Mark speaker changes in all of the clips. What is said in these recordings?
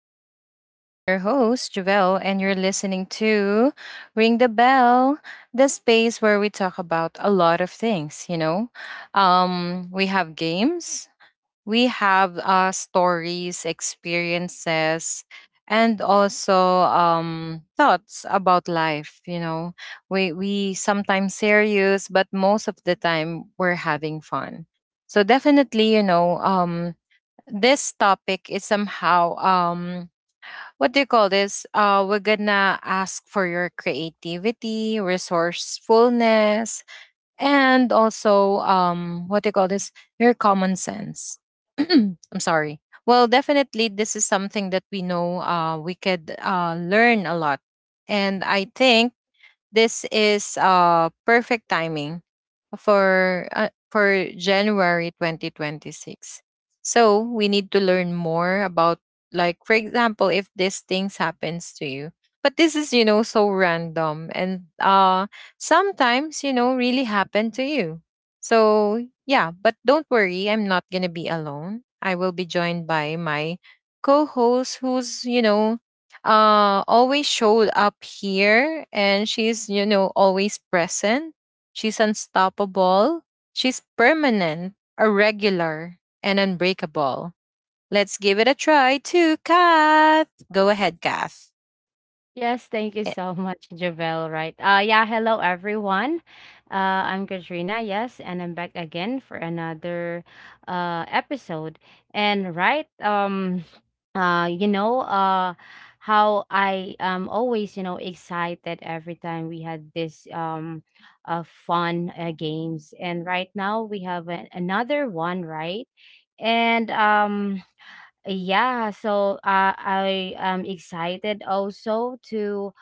Speaker 1: the show. And I'm your host, Javelle, and you're listening to Ring the Bell, the space where we talk about a lot of things. We have games, we have stories, experiences, and also thoughts about life. We sometimes serious, but most of the time we're having fun. So definitely, you know, this topic is somehow what do you call this? We're gonna ask for your creativity, resourcefulness, and also what do you call this? Your common sense. I'm sorry. Well, definitely this is something that we know we could learn a lot. And I think this is perfect timing for January 2026. So we need to learn more about, like for example, if these things happens to you. But this is, you know, so random, and sometimes, you know, really happen to you. So yeah, but don't worry, I'm not going to be alone. I will be joined by my co-host who's, you know, always showed up here, and she's, you know, always present. She's unstoppable, she's permanent, a regular and unbreakable. Let's give it a try too, Kath. Go ahead, Kath.
Speaker 2: Yes, thank you so much, Javel. Right. Yeah, hello everyone. I'm Katrina, yes, and I'm back again for another episode. And right, uh you know, uh how I am always, you know, excited every time we had this fun games. And right now we have another one, right? And yeah, so I am excited also to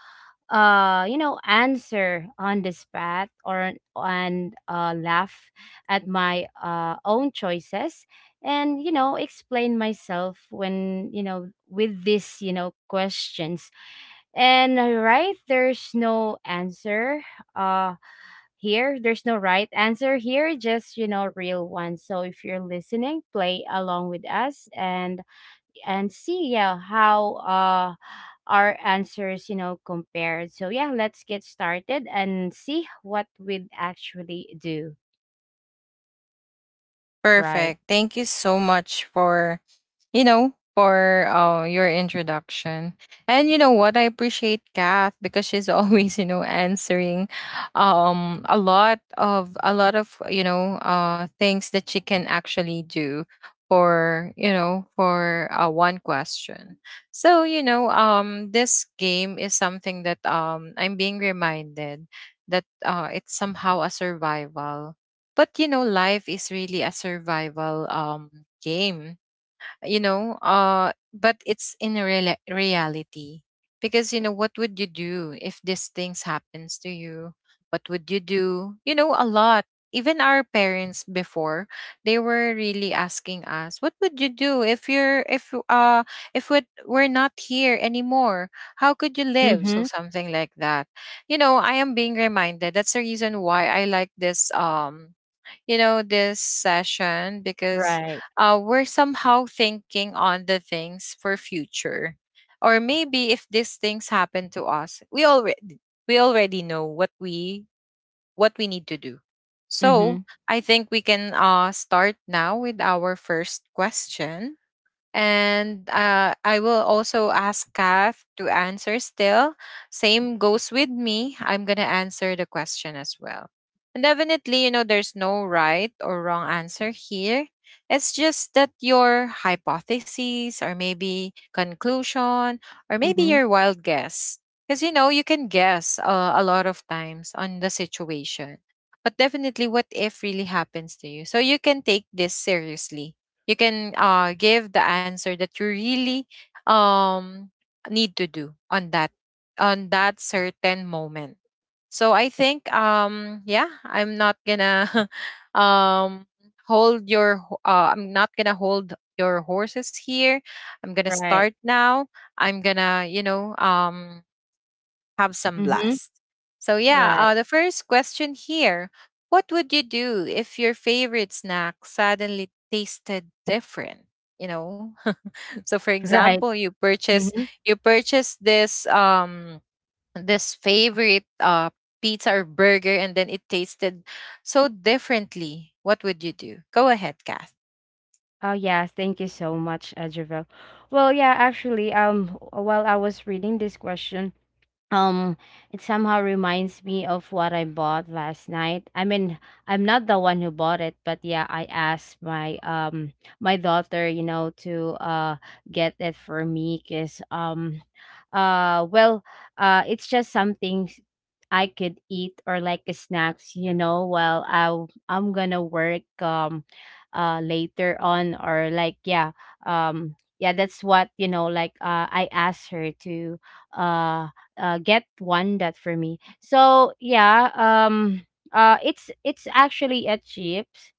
Speaker 2: answer on the spot or and laugh at my own choices and explain myself when you know with these questions. And right, there's no answer uh here. There's no right answer here, just real ones. So if you're listening, play along with us and see, yeah, how our answers compared. So, yeah, let's get started and see what we'd actually do. Right.
Speaker 1: Perfect. Thank you so much for, you know, for your introduction. And you know what? I appreciate Kath because she's always, you know, answering a lot of, you know, things that she can actually do for, you know, for one question. So, you know, this game is something that I'm being reminded that it's somehow a survival, but you know, life is really a survival game. You know, but it's in reality. Because you know, what would you do if these things happens to you? What would you do? You know, a lot. Even our parents before, they were really asking us, "What would you do if you're if we we're not here anymore? How could you live?"
Speaker 2: Mm-hmm.
Speaker 1: So something like that, you know, I am being reminded. That's the reason why I like this you know, this session because
Speaker 2: Right.
Speaker 1: we're somehow thinking on the things for future. Or maybe if these things happen to us, we already know what we need to do. So
Speaker 2: Mm-hmm.
Speaker 1: I think we can start now with our first question. And I will also ask Kath to answer still. Same goes with me. I'm going to answer the question as well. And definitely, you know, there's no right or wrong answer here. It's just that your hypotheses, or maybe conclusion, or maybe
Speaker 2: Mm-hmm.
Speaker 1: your wild guess. Because, you know, you can guess a lot of times on the situation. But definitely, what if really happens to you? So you can take this seriously. You can give the answer that you really um, need to do on that certain moment. So I think yeah, I'm not gonna um hold your I'm not gonna hold your horses here. I'm gonna
Speaker 2: Right.
Speaker 1: start now. I'm gonna, you know, have some
Speaker 2: Mm-hmm.
Speaker 1: blast. So, yeah,
Speaker 2: Right.
Speaker 1: the first question here: what would you do if your favorite snack suddenly tasted different? You know, so for
Speaker 2: Right.
Speaker 1: example,
Speaker 2: Mm-hmm.
Speaker 1: you purchase this this favorite pizza or burger, and then it tasted so differently. What would you do? Go ahead, Cass.
Speaker 2: Oh, yes, thank you so much, Javel. Well, yeah, actually, while I was reading this question, Um, it somehow reminds me of what I bought last night. I mean, I'm not the one who bought it, but yeah, I asked my daughter, you know, to get it for me, because uh well it's just something I could eat, or like a snacks, you know, while I'm gonna work later on, or like yeah. Yeah, that's what, like, I asked her to uh get one that for me. So yeah, it's actually a chips.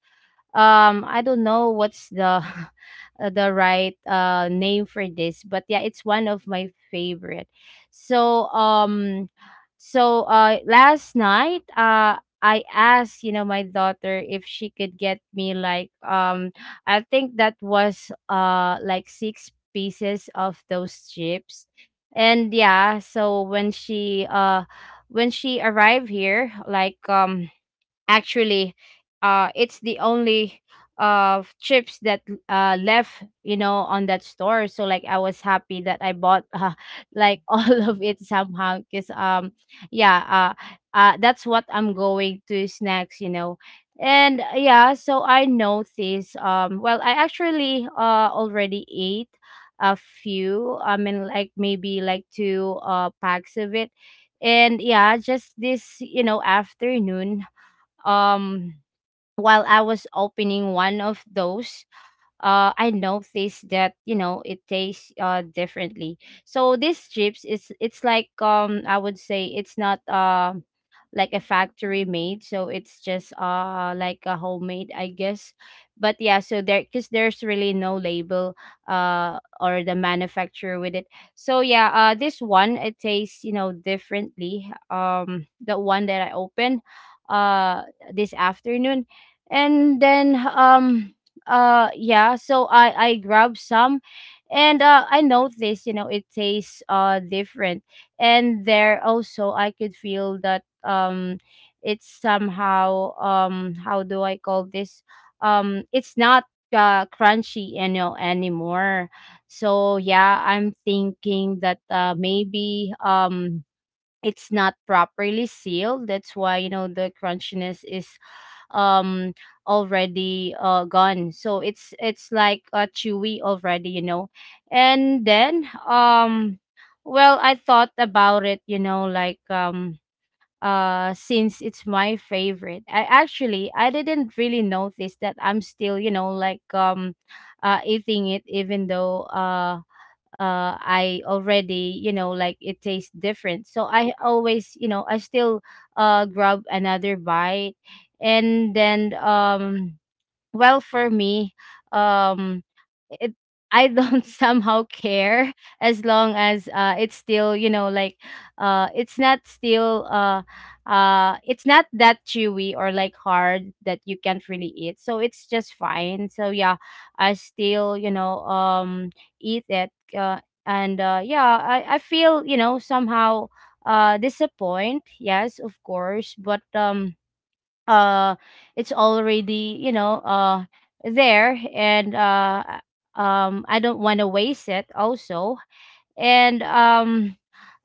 Speaker 2: I don't know what's the the right name for this, but yeah, it's one of my favorite. So last night I asked, you know, my daughter if she could get me like, I think that was like six pieces of those chips. And yeah, so when she arrived here, like, actually, it's the only chips that left, you know, on that store. So like I was happy that I bought, like all of it somehow, because yeah that's what I'm going to snacks, you know. And yeah, so I noticed, well, I actually already ate a few. I mean, like maybe like two packs of it. And yeah, just this, you know, afternoon, um while I was opening one of those, I noticed that, you know, it tastes differently. So these chips, is it's like, I would say it's not like a factory made, so it's just like a homemade, I guess. But yeah, so there because there's really no label or the manufacturer with it. So yeah, this one, it tastes, you know, differently. The one that I opened uh this afternoon, and then, yeah. So I grabbed some, and I noticed, you know, it tastes different, and there also I could feel that, it's somehow, how do I call this, it's not crunchy, you know, anymore. So yeah, I'm thinking that maybe, it's not properly sealed. That's why, you know, the crunchiness is um already gone. So it's like, chewy already, you know. And then, well, I thought about it, you know, like, since it's my favorite, I didn't really notice that I'm still, you know, like eating it, even though, I already, you know, like it tastes different, so I always, you know, I still grab another bite. And then, well, for me, um it I don't somehow care. As long as, it's still, you know, like, uh it's not still uh it's not that chewy or like hard that you can't really eat, so it's just fine. So yeah, I still, you know, eat it. And yeah, I feel, you know, somehow disappoint, yes of course, but uh it's already, you know, there. And I don't want to waste it also. And um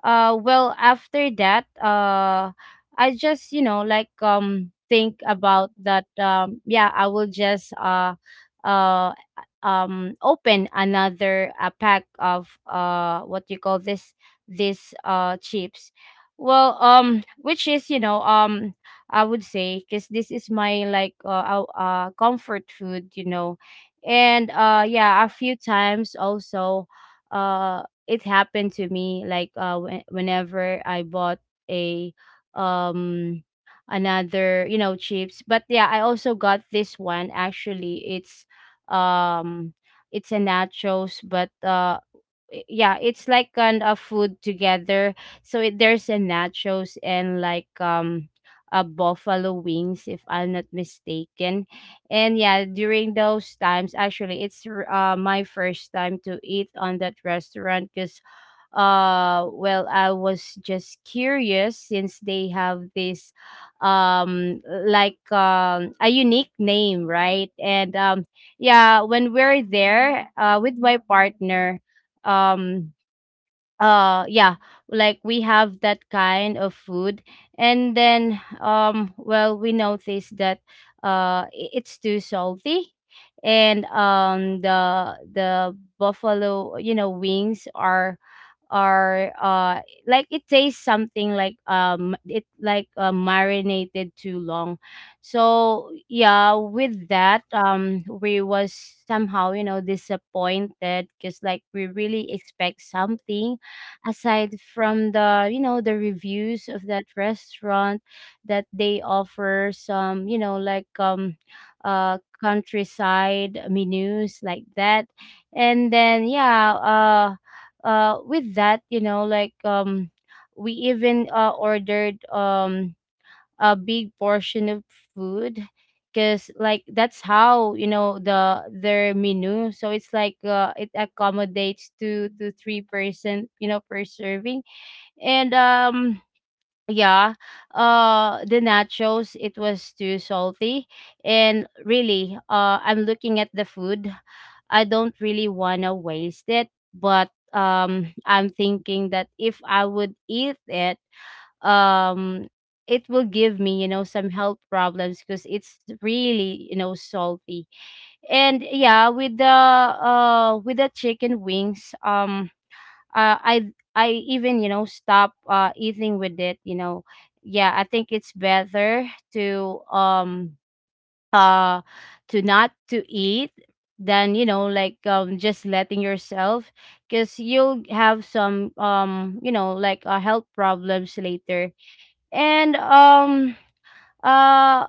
Speaker 2: uh well, after that, I just, you know, like, think about that, yeah, I will just uh open another pack of what you call this, this chips. Well, which is, you know, I would say, because this is my like, comfort food, you know. And yeah, a few times also, uh it happened to me like, whenever I bought a um another, you know, chips. But yeah, I also got this one. Actually, um it's a nachos, but yeah, it's like kind of food together. So it, there's a nachos and like, a buffalo wings if I'm not mistaken. And yeah, during those times, actually, my first time to eat on that restaurant, because well, I was just curious since they have this, like, a unique name, right. And yeah, when we're there with my partner, um yeah, like we have that kind of food. And then, well, we noticed that, it's too salty. And, the buffalo, you know, wings are, are uh like it tastes something like, it like marinated too long. So yeah, with that, we was somehow, you know, disappointed, because like we really expect something aside from the, you know, the reviews of that restaurant that they offer some, you know, like, countryside menus like that. And then, yeah, with that, you know, like, we even ordered a big portion of food, because like that's how, you know, their menu. So it's like, it accommodates two to three person, you know, per serving. And yeah. The nachos, it was too salty, and really, I'm looking at the food. I don't really want to waste it, but I'm thinking that if I would eat it, um it will give me, you know, some health problems because it's really, you know, salty. And yeah, with the chicken wings, uh, I I even, you know, stop eating with it. Yeah, I think it's better to um uh to not to eat, than, you know, like, just letting yourself, because you'll have some, you know, like, health problems later. And uh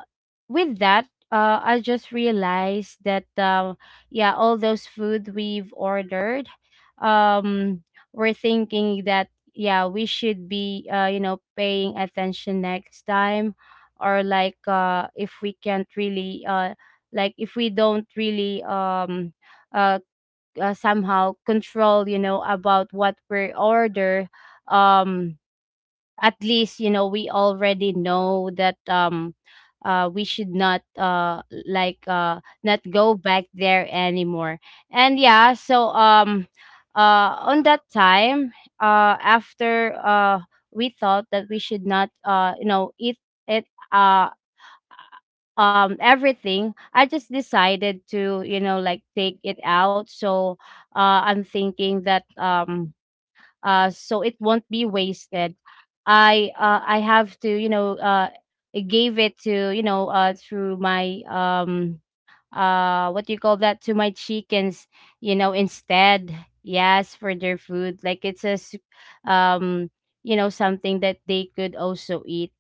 Speaker 2: with that, I just realized that, yeah, all those food we've ordered, um we're thinking that, yeah, we should be, you know, paying attention next time, or like, if we can't really, like if we don't really, uh, somehow control, you know, about what we order. um at least, you know, we already know that, we should not, not go back there anymore. And yeah, so, on that time, after, we thought that we should not, you know, eat it, uh everything I just decided to, you know, like, take it out. So I'm thinking that, so it won't be wasted. I have to, you know, I gave it to, you know, through my, what do you call that, to my chickens, you know, instead. Yes, for their food, like it's um you know, something that they could also eat.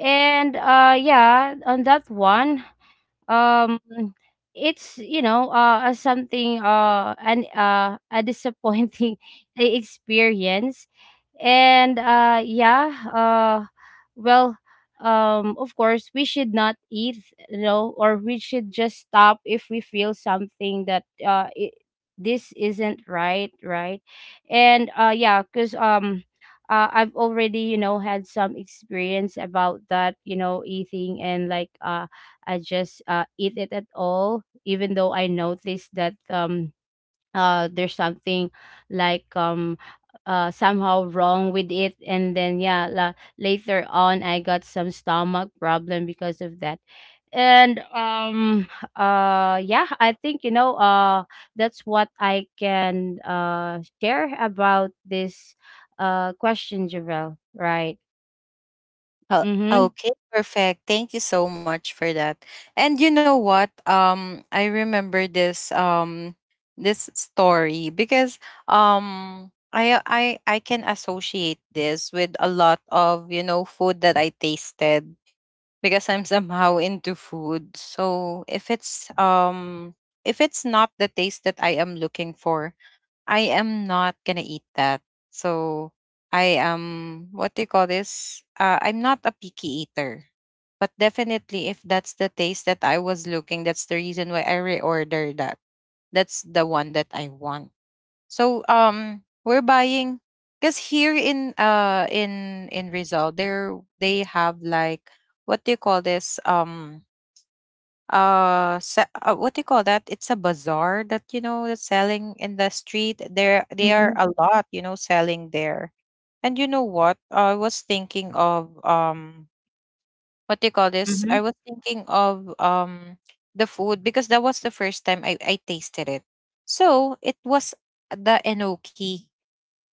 Speaker 2: And yeah, on that one, um it's, you know, something an a disappointing experience. And yeah. uh well of course we should not eat, you know, or we should just stop if we feel something that, this isn't right, right? And yeah, because I've already, you know, had some experience about that, you know, eating, and like, I just eat it at all, even though I noticed that, there's something like, somehow wrong with it. And then, yeah, later on, I got some stomach problem because of that. And yeah, I think, you know, that's what I can, share about this, question, Javel. Right.
Speaker 1: Oh,
Speaker 2: Mm-hmm.
Speaker 1: okay, perfect. Thank you so much for that. And you know what? I remember this this story because I can associate this with a lot of, you know, food that I tasted because I'm somehow into food. So if it's not the taste that I am looking for, I am not gonna eat that. So I am, what do you call this? I'm not a picky eater, but definitely if that's the taste that I was looking, that's the reason why I reorder that. That's the one that I want. So we're buying, because here in in Rizal there, they have like, what do you call this, what do you call that, it's a bazaar that, you know, that's selling in the street. There they are
Speaker 2: Mm-hmm.
Speaker 1: a lot, you know, selling there. And you know what, I was thinking of what do you call this, I
Speaker 2: Mm-hmm.
Speaker 1: was thinking of the food, because that was the first time I tasted it. So it was the enoki,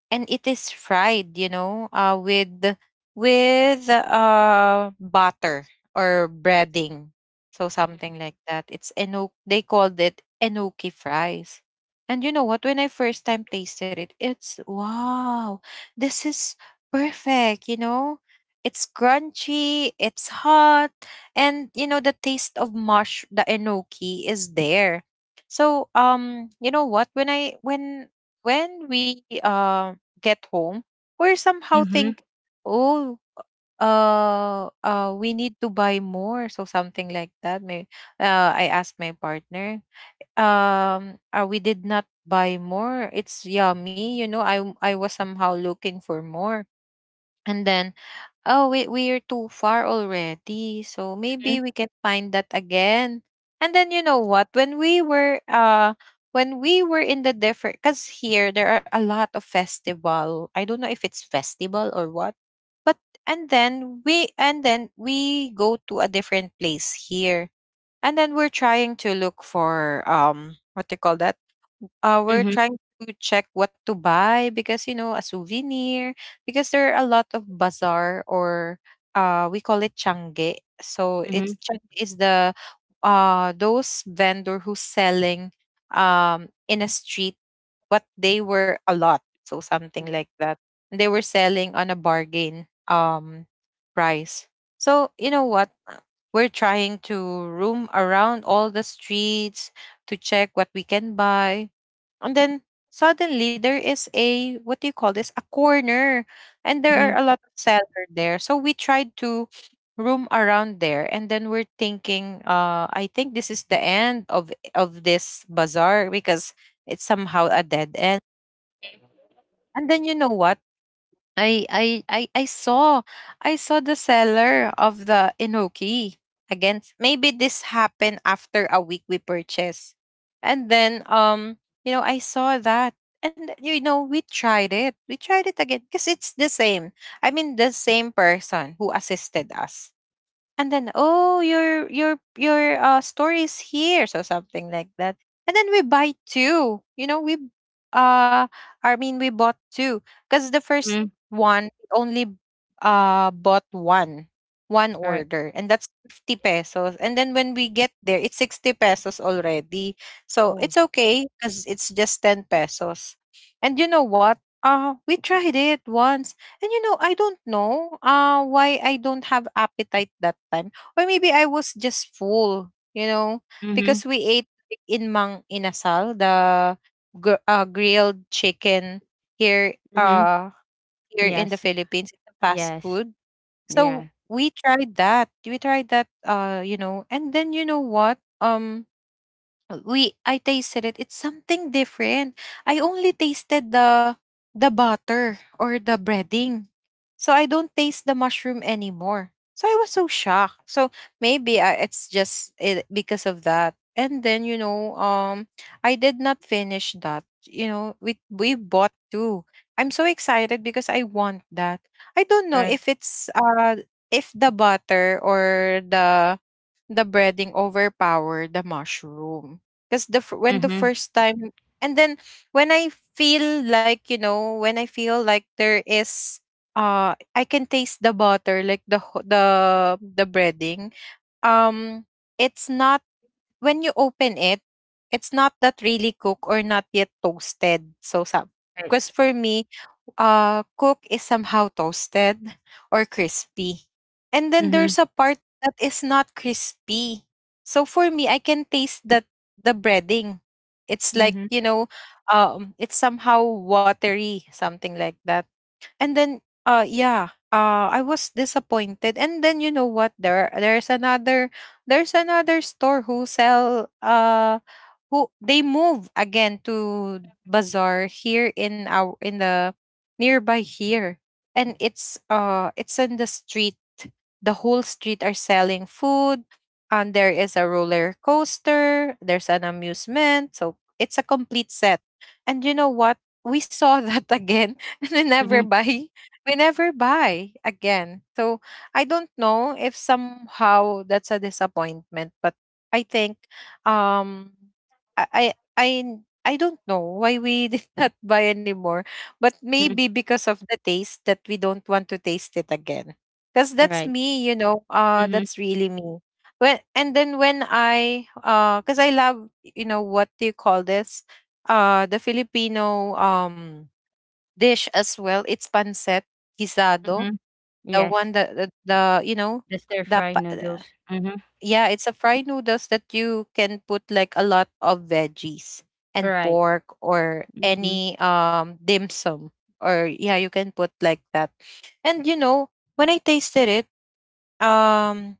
Speaker 1: and it is fried, you know, with with butter or breading, so something like that. It's enoki, they called it enoki fries. And you know what, when I first time tasted it, it's wow, this is perfect, you know. It's crunchy, it's hot, and you know, the taste of mush the enoki is there. So you know what, when I when we get home, we're somehow
Speaker 2: Mm-hmm.
Speaker 1: think, oh, we need to buy more. So something like that. May I asked my partner, we did not buy more. It's yummy, you know. I was somehow looking for more, and then, oh, we we're too far already. So
Speaker 2: Mm-hmm.
Speaker 1: maybe we can find that again. And then you know what? When we were in the different, because here there are a lot of festival. I don't know if it's festival or what. But, and then we go to a different place here, and then we're trying to look for what do you call that, we're
Speaker 2: Mm-hmm.
Speaker 1: trying to check what to buy because, you know, a souvenir, because there are a lot of bazaar or, we call it changge, so
Speaker 2: Mm-hmm.
Speaker 1: it's chang is the those vendor who's selling in a street. What, they were a lot, so something like that. And they were selling on a bargain price. So you know what, we're trying to roam around all the streets to check what we can buy. And then suddenly there is a, what do you call this, a corner. And there are
Speaker 2: Mhm,
Speaker 1: a lot of sellers there. So we tried to roam around there, and then we're thinking, I think this is the end of this bazaar because it's somehow a dead end. And then you know what? I saw, I saw the seller of the enoki again. Maybe this happened after a week we purchased, and then you know, I saw that. And you know, we tried it, we tried it again because it's the same. I mean, the same person who assisted us, and then, oh, your story is here, so something like that. And then we buy two, you know, we uh we bought two, because the first
Speaker 2: mhm,
Speaker 1: one only bought one, one
Speaker 2: right.
Speaker 1: order, and that's 50 pesos. And then when we get there, it's 60 pesos already. So
Speaker 2: Oh.
Speaker 1: it's okay because it's just 10 pesos. And you know what, we tried it once. And you know, I don't know why I don't have appetite that time. Or maybe I was just full, you know,
Speaker 2: Mhm,
Speaker 1: because we ate like, in Mang Inasal, the grilled chicken here,
Speaker 2: mhm.
Speaker 1: here in the
Speaker 2: Yes,
Speaker 1: Philippines, it's a fast
Speaker 2: yes.
Speaker 1: food.
Speaker 2: Yeah,
Speaker 1: So we tried that. We tried that, you know, and then you know what? We, I tasted it. It's something different. I only tasted the butter or the breading. So I don't taste the mushroom anymore. So I was so shocked. So maybe I, it's just it, because of that. And then you know, I did not finish that. You know, we bought two. I'm so excited because I want that. I don't know
Speaker 2: right.
Speaker 1: if it's if the butter or the breading overpower the mushroom. Because the when the
Speaker 2: Mhm,
Speaker 1: first time, and then when I feel like, you know, when I feel like there is I can taste the butter like the the breading um it's not, when you open it, it's not that really cooked or not yet toasted. So, sa,
Speaker 2: right.
Speaker 1: because for me, cook is somehow toasted or crispy. And then
Speaker 2: Mhm,
Speaker 1: there's a part that is not crispy. So for me, I can taste that the breading. It's like,
Speaker 2: mhm,
Speaker 1: you know, it's somehow watery, something like that. And then yeah, I was disappointed. And then you know what? There's another store who sell who they move again to bazaar here in our in the nearby here. And it's in the street. The whole street are selling food. And there is a roller coaster. There's an amusement. So it's a complete set. And you know what? We saw that again and
Speaker 2: mhm,
Speaker 1: we never buy again, so I don't know if somehow that's a disappointment, but I think um i i i, I don't know why we did not buy anymore, but
Speaker 2: mhm.
Speaker 1: maybe because of the taste that we don't want to taste it again. Because that's
Speaker 2: Right.
Speaker 1: me, you know,
Speaker 2: Mhm,
Speaker 1: that's really me. When and then when i uh because I love, you know, what do you call this, the Filipino dish as well. It's pancet guisado,
Speaker 2: mhm.
Speaker 1: the
Speaker 2: Yes,
Speaker 1: one that the you know
Speaker 2: the
Speaker 1: the
Speaker 2: stir-fried
Speaker 1: pa-
Speaker 2: noodles. Mhm,
Speaker 1: yeah, it's a fried noodles that you can put like a lot of veggies and
Speaker 2: right.
Speaker 1: pork or
Speaker 2: Mhm,
Speaker 1: any dim sum or, yeah, you can put like that. And you know, when I tasted it, um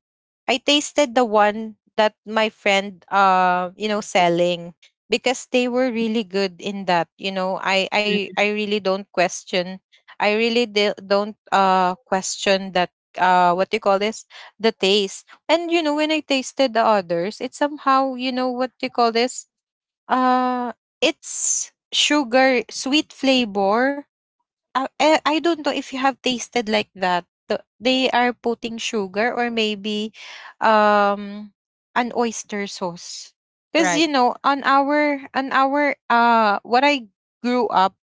Speaker 1: I tasted the one that my friend, you know, selling, because they were really good in that. You know, I I
Speaker 2: mhm,
Speaker 1: I really don't question, I really don't question that, what do you call this, the taste. And you know, when I tasted the others, it's somehow, you know, what do you call this, uh it's sugar sweet flavor. I don't know if you have tasted like that. They are putting sugar or maybe um an oyster sauce. Cuz you
Speaker 2: right.
Speaker 1: know, on our on our, what I grew up,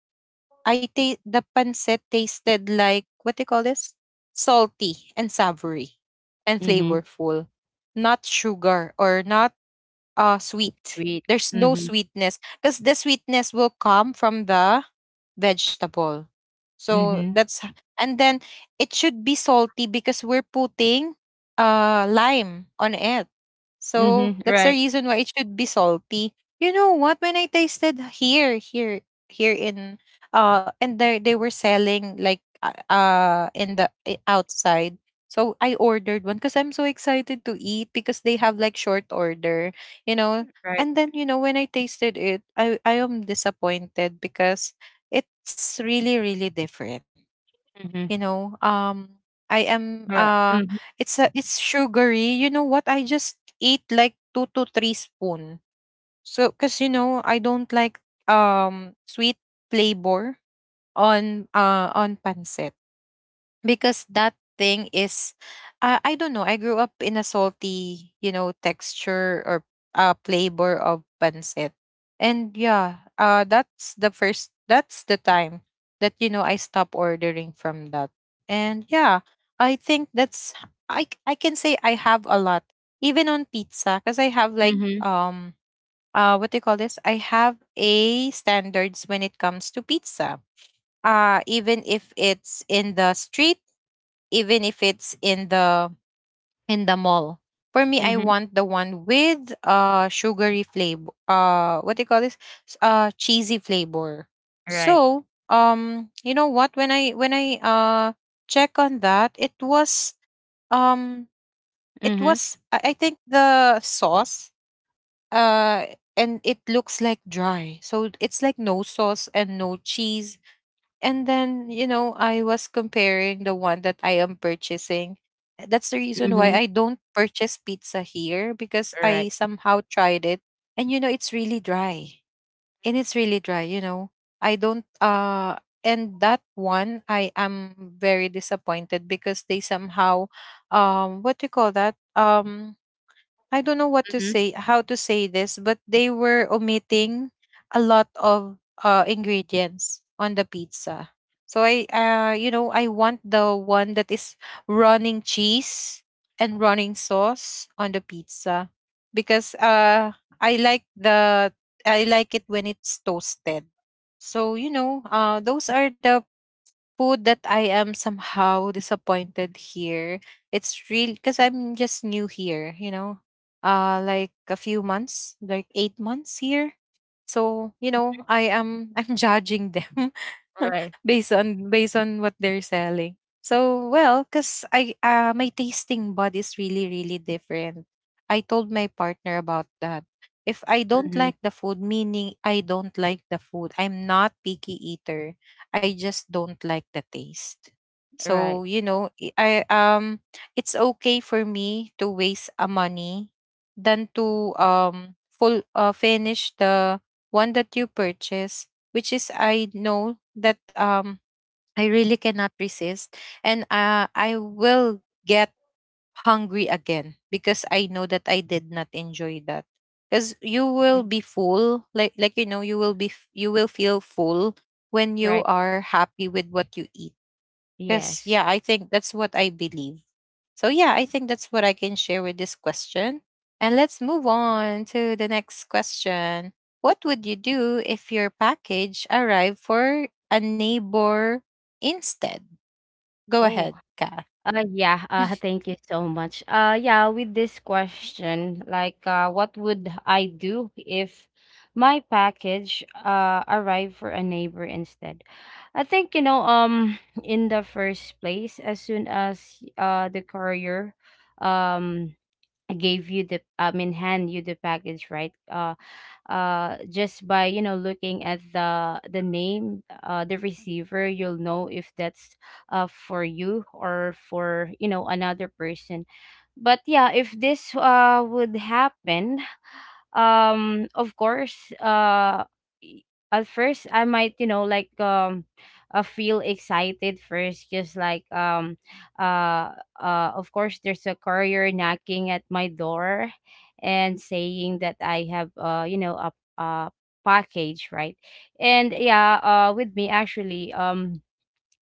Speaker 1: the pancit tasted like, what do you call this? Salty and savory and
Speaker 2: Mhm,
Speaker 1: flavorful. Not sugar or not sweet.
Speaker 2: sweet.
Speaker 1: There's no
Speaker 2: Mhm,
Speaker 1: sweetness because the sweetness will come from the vegetable. So
Speaker 2: mhm,
Speaker 1: that's h- and then it should be salty because we're putting lime on it. So
Speaker 2: mhm.
Speaker 1: that's the
Speaker 2: Right,
Speaker 1: reason why it should be salty. You know what? When I tasted here, here, here in, and they were selling like in the outside. So I ordered one because I'm so excited to eat because they have like short order, you know.
Speaker 2: right.
Speaker 1: And then, you know, when I tasted it, I am disappointed because it's really really different, you
Speaker 2: Mhm,
Speaker 1: know. I am
Speaker 2: right. Mhm,
Speaker 1: It's a it's sugary, you know what? I just eat like two to three spoon, so because, you know, I don't like sweet flavor on pancit, because that thing is, I don't know, I grew up in a salty, you know, texture or flavor of pancit. And yeah, that's the time that, you know, I stopped ordering from that. And yeah, I think that's, I can say I have a lot, even on pizza, because I have like
Speaker 2: mhm,
Speaker 1: um uh what do you call this, I have a standards when it comes to pizza, even if it's in the street, even if it's in the, in the mall. For me, I
Speaker 2: mhm.
Speaker 1: want the one with sugary flavor. What do you call this? Cheesy flavor.
Speaker 2: Right.
Speaker 1: So, you know what? When I check on that, it was, um it
Speaker 2: Mhm,
Speaker 1: was, I think the sauce, uh and it looks like dry. So it's like no sauce and no cheese. And then, you know, I was comparing the one that I am purchasing. That's the reason why
Speaker 2: mhm.
Speaker 1: I don't purchase pizza here, because I
Speaker 2: Right.
Speaker 1: somehow tried it and you know it's really dry. And it's really dry, you know. I don't And that one, I am very disappointed, because they somehow, what do you call that? I don't know what to
Speaker 2: Mhm,
Speaker 1: say, how to say this, but they were omitting a lot of ingredients on the pizza. So I, you know, I want the one that is running cheese and running sauce on the pizza, because I like the, I like it when it's toasted. So you know, those are the food that I am somehow disappointed here. It's real because I'm just new here, you know, like a few months, like 8 months here. So, you know, I am I'm judging them
Speaker 2: right.
Speaker 1: based on based on what they're selling. So, well, cuz I, my tasting bud is really really different. I told my partner about that. If I don't
Speaker 2: Mhm,
Speaker 1: like the food, meaning I don't like the food. I'm not picky eater. I just don't like the taste. So,
Speaker 2: right.
Speaker 1: you know, it's okay for me to waste a money than to full finish the one that you purchase, which is, I know that I really cannot resist, and I will get hungry again because I know that I did not enjoy that. Because you will
Speaker 2: Mhm,
Speaker 1: be full, like, you know, you will be you will feel full when you
Speaker 2: right.
Speaker 1: are happy with what you eat, because,
Speaker 2: Yes.
Speaker 1: yeah, I think that's what I believe. So, yeah, I think that's what I can share with this question. And let's move on to the next question. What would you do if your package arrived for a neighbor instead? Go
Speaker 2: Oh.
Speaker 1: ahead, Ka.
Speaker 2: Yeah, thank you so much. Yeah, with this question, like, what would I do if my package arrived for a neighbor instead? I think, in the first place, as soon as the courier um gave you the, I mean, hand you the package, right? Just by looking at the name, the receiver, you'll know if that's for you or for another person. But yeah, if this would happen, of course, y- at first I might, feel excited first, just like uh of course there's a courier knocking at my door and saying that I have, a package, right? And yeah, with me actually,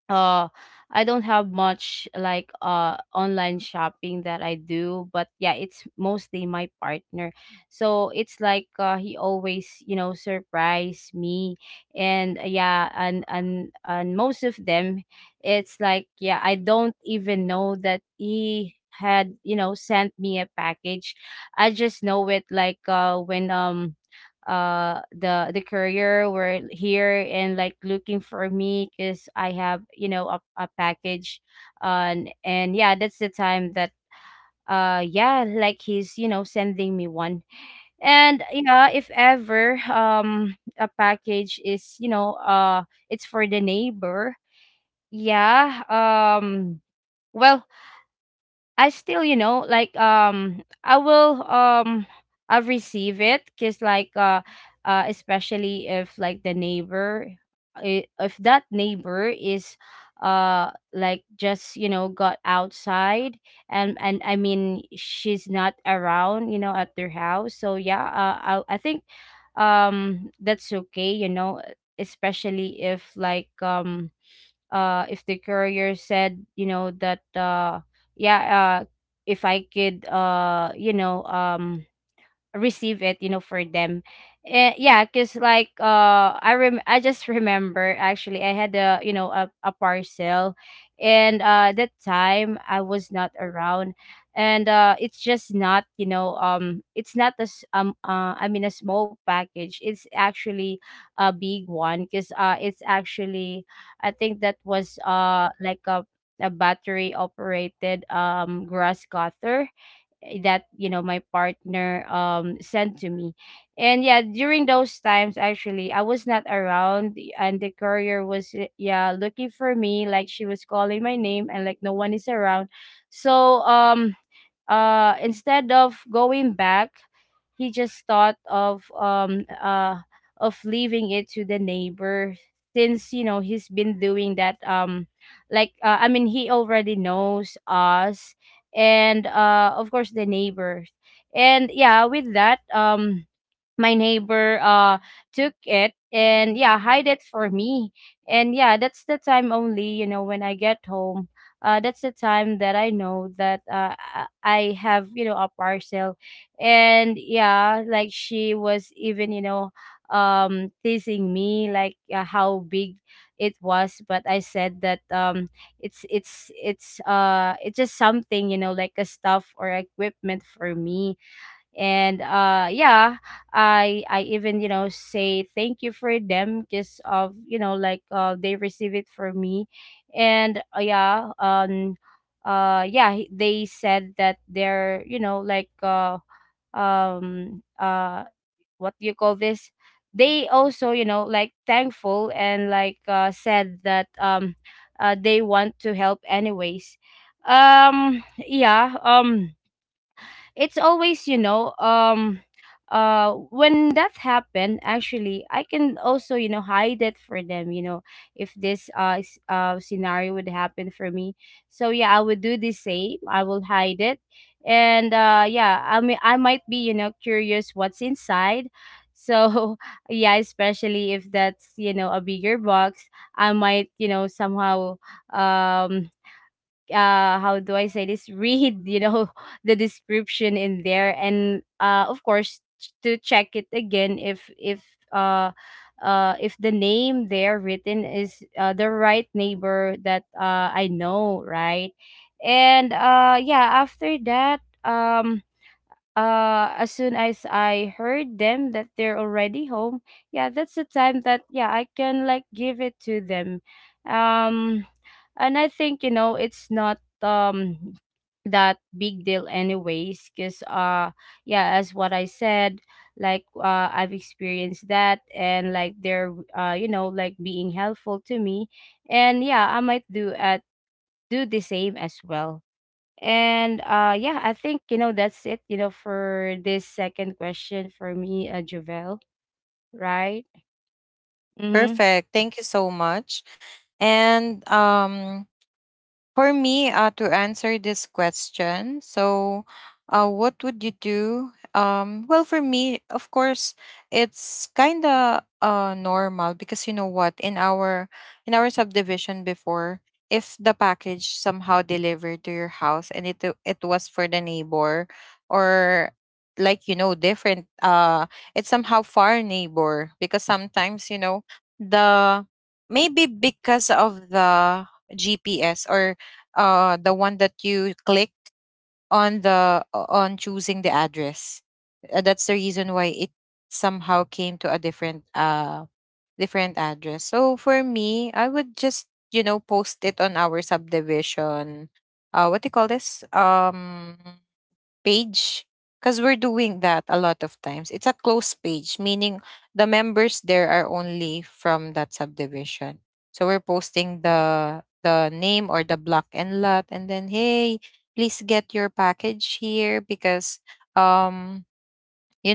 Speaker 2: uh I don't have much like online shopping that I do, but yeah, it's mostly my partner. So it's like, he always, you know, surprise me. And uh, yeah, and and and most of them, it's like, yeah, I don't even know that he had, you know, sent me a package. I just know it like when the courier were here and like looking for me because I have, a package. And yeah, that's the time that, yeah, like he's, you know, sending me one. And yeah, if ever a package is, it's for the neighbor. yeah um well I still, I will I receive it, cuz like especially if like the neighbor, if that neighbor is like just, you know, got outside, and I mean she's not around, you know, at their house. So yeah, I think that's okay, you know, especially if like if the courier said, you know, that yeah, if I could, receive it, you know, for them. Yeah, because like, I just remember, actually, I had, a a parcel, and that time I was not around. And it's just not, it's not as I mean a small package, it's actually a big one, because it's actually, I think that was like a battery operated grass cutter, eh, that, you know, my partner sent to me. And yeah, during those times actually I was not around, and the courier was, yeah, looking for me, like she was calling my name and like no one is around. So instead of going back, he just thought of leaving it to the neighbor, since, you know, he's been doing that. I mean, he already knows us, and of course the neighbors. And yeah, with that, my neighbor took it and yeah hide it for me. And yeah, that's the time only, you know, when I get home, that's the time that I know that I have, a parcel. And yeah, like she was even, you know, teasing me, like, how big it was. But I said that it's just something, you know, like a stuff or equipment for me. And I even, you know, say thank you for them, because of, you know, like they receive it for me. And yeah, they said that they're, um uh what do you call this, they also, you know, like thankful, and like said that, they want to help anyways. um yeah um it's always, when that happened, actually, I can also, you know, hide it for them, you know, if this, scenario would happen for me. So yeah, I would do the same, I will hide it. And yeah, I mean, I might be, you know, curious what's inside. So yeah, especially if that's, you know, a bigger box, I might, you know, somehow um how do I say this, read, you know, the description in there. And of course, to check it again uh if the name there written is, the right neighbor that I know, right. And yeah, after that, as soon as I heard them that they're already home, yeah, that's the time that, yeah, I can like give it to them. Um and I think, you know, it's not that big deal anyways, because yeah, as what I said, like I've experienced that, and like they're, like being helpful to me. And yeah, I might do the same as well. And yeah, I think, you know, that's it, you know, for this second question for me, Javel, right? Mm-hmm.
Speaker 1: Perfect. Thank you so much. And for me, to answer this question, so, what would you do? Well, for me, of course, it's kind of normal, because you know what, in our subdivision before, if the package somehow delivered to your house and it was for the neighbor or like, you know, different, it's somehow far neighbor, because sometimes, you know, the maybe because of the GPS or the one that you clicked on the on choosing the address. That's the reason why it somehow came to a different address. So for me, I would just, you know, post it on our subdivision, what do you call this, page, because we're doing that a lot of times. It's a closed page, meaning the members there are only from that subdivision. So we're posting the name or the block and lot, and then, hey, please get your package here because, um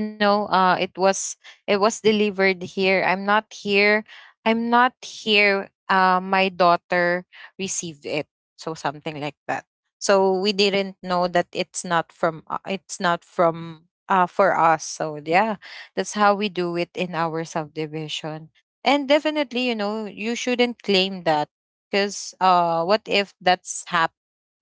Speaker 1: you know, it was, it was delivered here. I'm not here. I'm not here. Uh, my daughter received it. So something like that. So we didn't know that it's not from, it's not from for us. So yeah, that's how we do it in our subdivision. And definitely, you know, you shouldn't claim that, because what if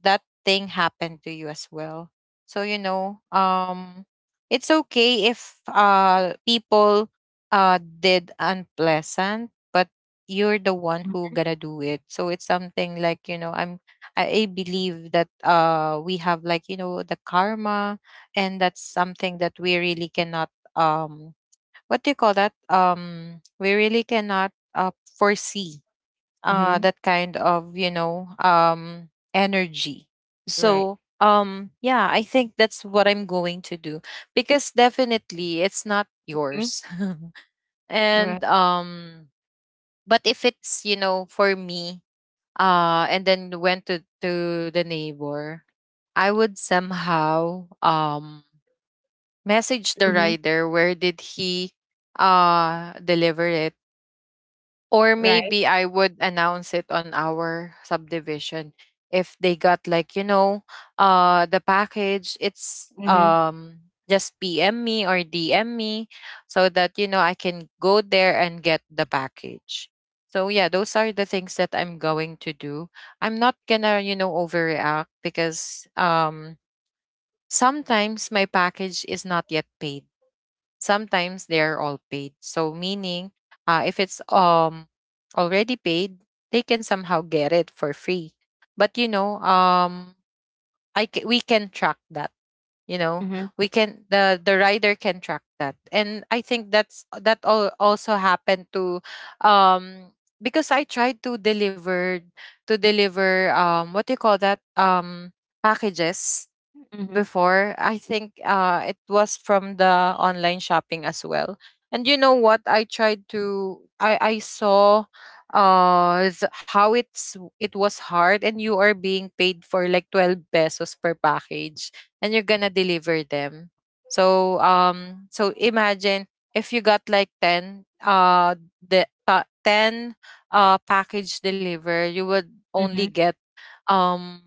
Speaker 1: that thing happened to you as well? So, you know, it's okay if people did unpleasant, but you're the one who gonna do it. So it's something like, you know, I believe that we have like, you know, the karma, and that's something that we really cannot, um what do you call that, we really cannot foresee,
Speaker 2: Mm-hmm.
Speaker 1: that kind of, you know, energy.
Speaker 2: Right.
Speaker 1: So yeah, I think that's what I'm going to do, because definitely it's not
Speaker 2: Mm-hmm.
Speaker 1: yours.
Speaker 2: Right.
Speaker 1: And but if it's, you know, for me, and then went to the neighbor, I would somehow message the
Speaker 2: Mm-hmm.
Speaker 1: rider, where did he deliver it. Or
Speaker 2: Right.
Speaker 1: maybe I would announce it on our subdivision, if they got like, you know, the package, it's
Speaker 2: Mm-hmm.
Speaker 1: just PM me or DM me, so that, you know, I can go there and get the package. So yeah, those are the things that I'm going to do. I'm not gonna, you know, overreact, because sometimes my package is not yet paid, sometimes they are all paid. So meaning, if it's already paid, they can somehow get it for free. But you know, we can track that. You know,
Speaker 2: Mm-hmm.
Speaker 1: we can, the rider can track that. And I think that's that all also happened to, um, because I tried to deliver, to deliver, what do you call that, packages
Speaker 2: Mm-hmm.
Speaker 1: before. I think it was from the online shopping as well. And you know what? I tried to. I saw how it's, it was hard, and you are being paid for like 12 pesos per package, and you're gonna deliver them. So so imagine if you got like 10, the 10 package deliver, you would only
Speaker 2: Mm-hmm.
Speaker 1: get um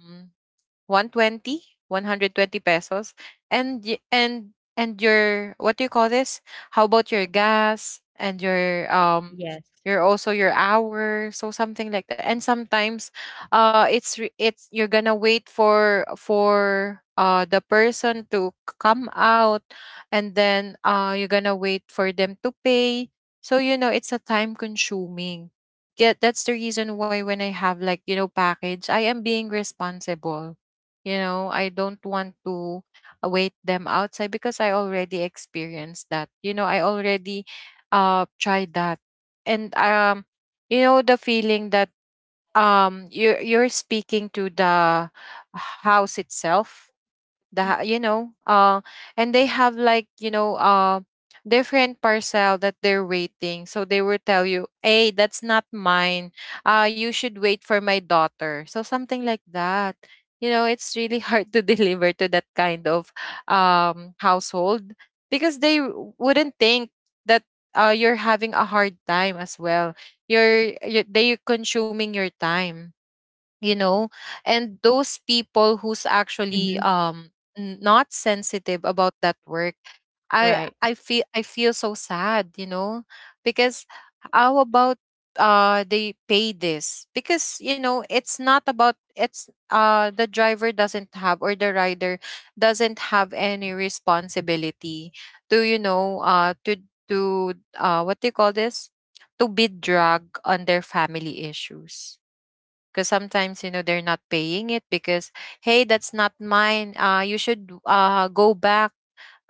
Speaker 1: 120, 120 pesos. And and your, what do you call this, how about your gas and your
Speaker 2: Yes.
Speaker 1: your, also your hour? So something like that. And sometimes it's, you're gonna wait for the person to come out, and then you're gonna wait for them to pay. So you know, it's a time consuming get that's the reason why when I have like, you know, package, I am being responsible. You know, I don't want to wait them outside, because I already experienced that. You know, I already tried that. And you know the feeling that you're speaking to the house itself, the you know, and they have like, you know, different parcel that they're waiting, so they will tell you, "Hey, that's not mine. You should wait for my daughter," so something like that. You know, it's really hard to deliver to that kind of household, because they wouldn't think that you're having a hard time as well. You're they consuming your time, you know. And those people who's actually
Speaker 2: Mm-hmm.
Speaker 1: not sensitive about that work, i
Speaker 2: Right.
Speaker 1: i feel i feel so sad, you know. Because how about they pay this, because you know, it's not about, it's the driver doesn't have, or the rider doesn't have any responsibility to, you know, to what do you call this, to be dragged on their family issues. Because sometimes, you know, they're not paying it because, "Hey, that's not mine. You should go back,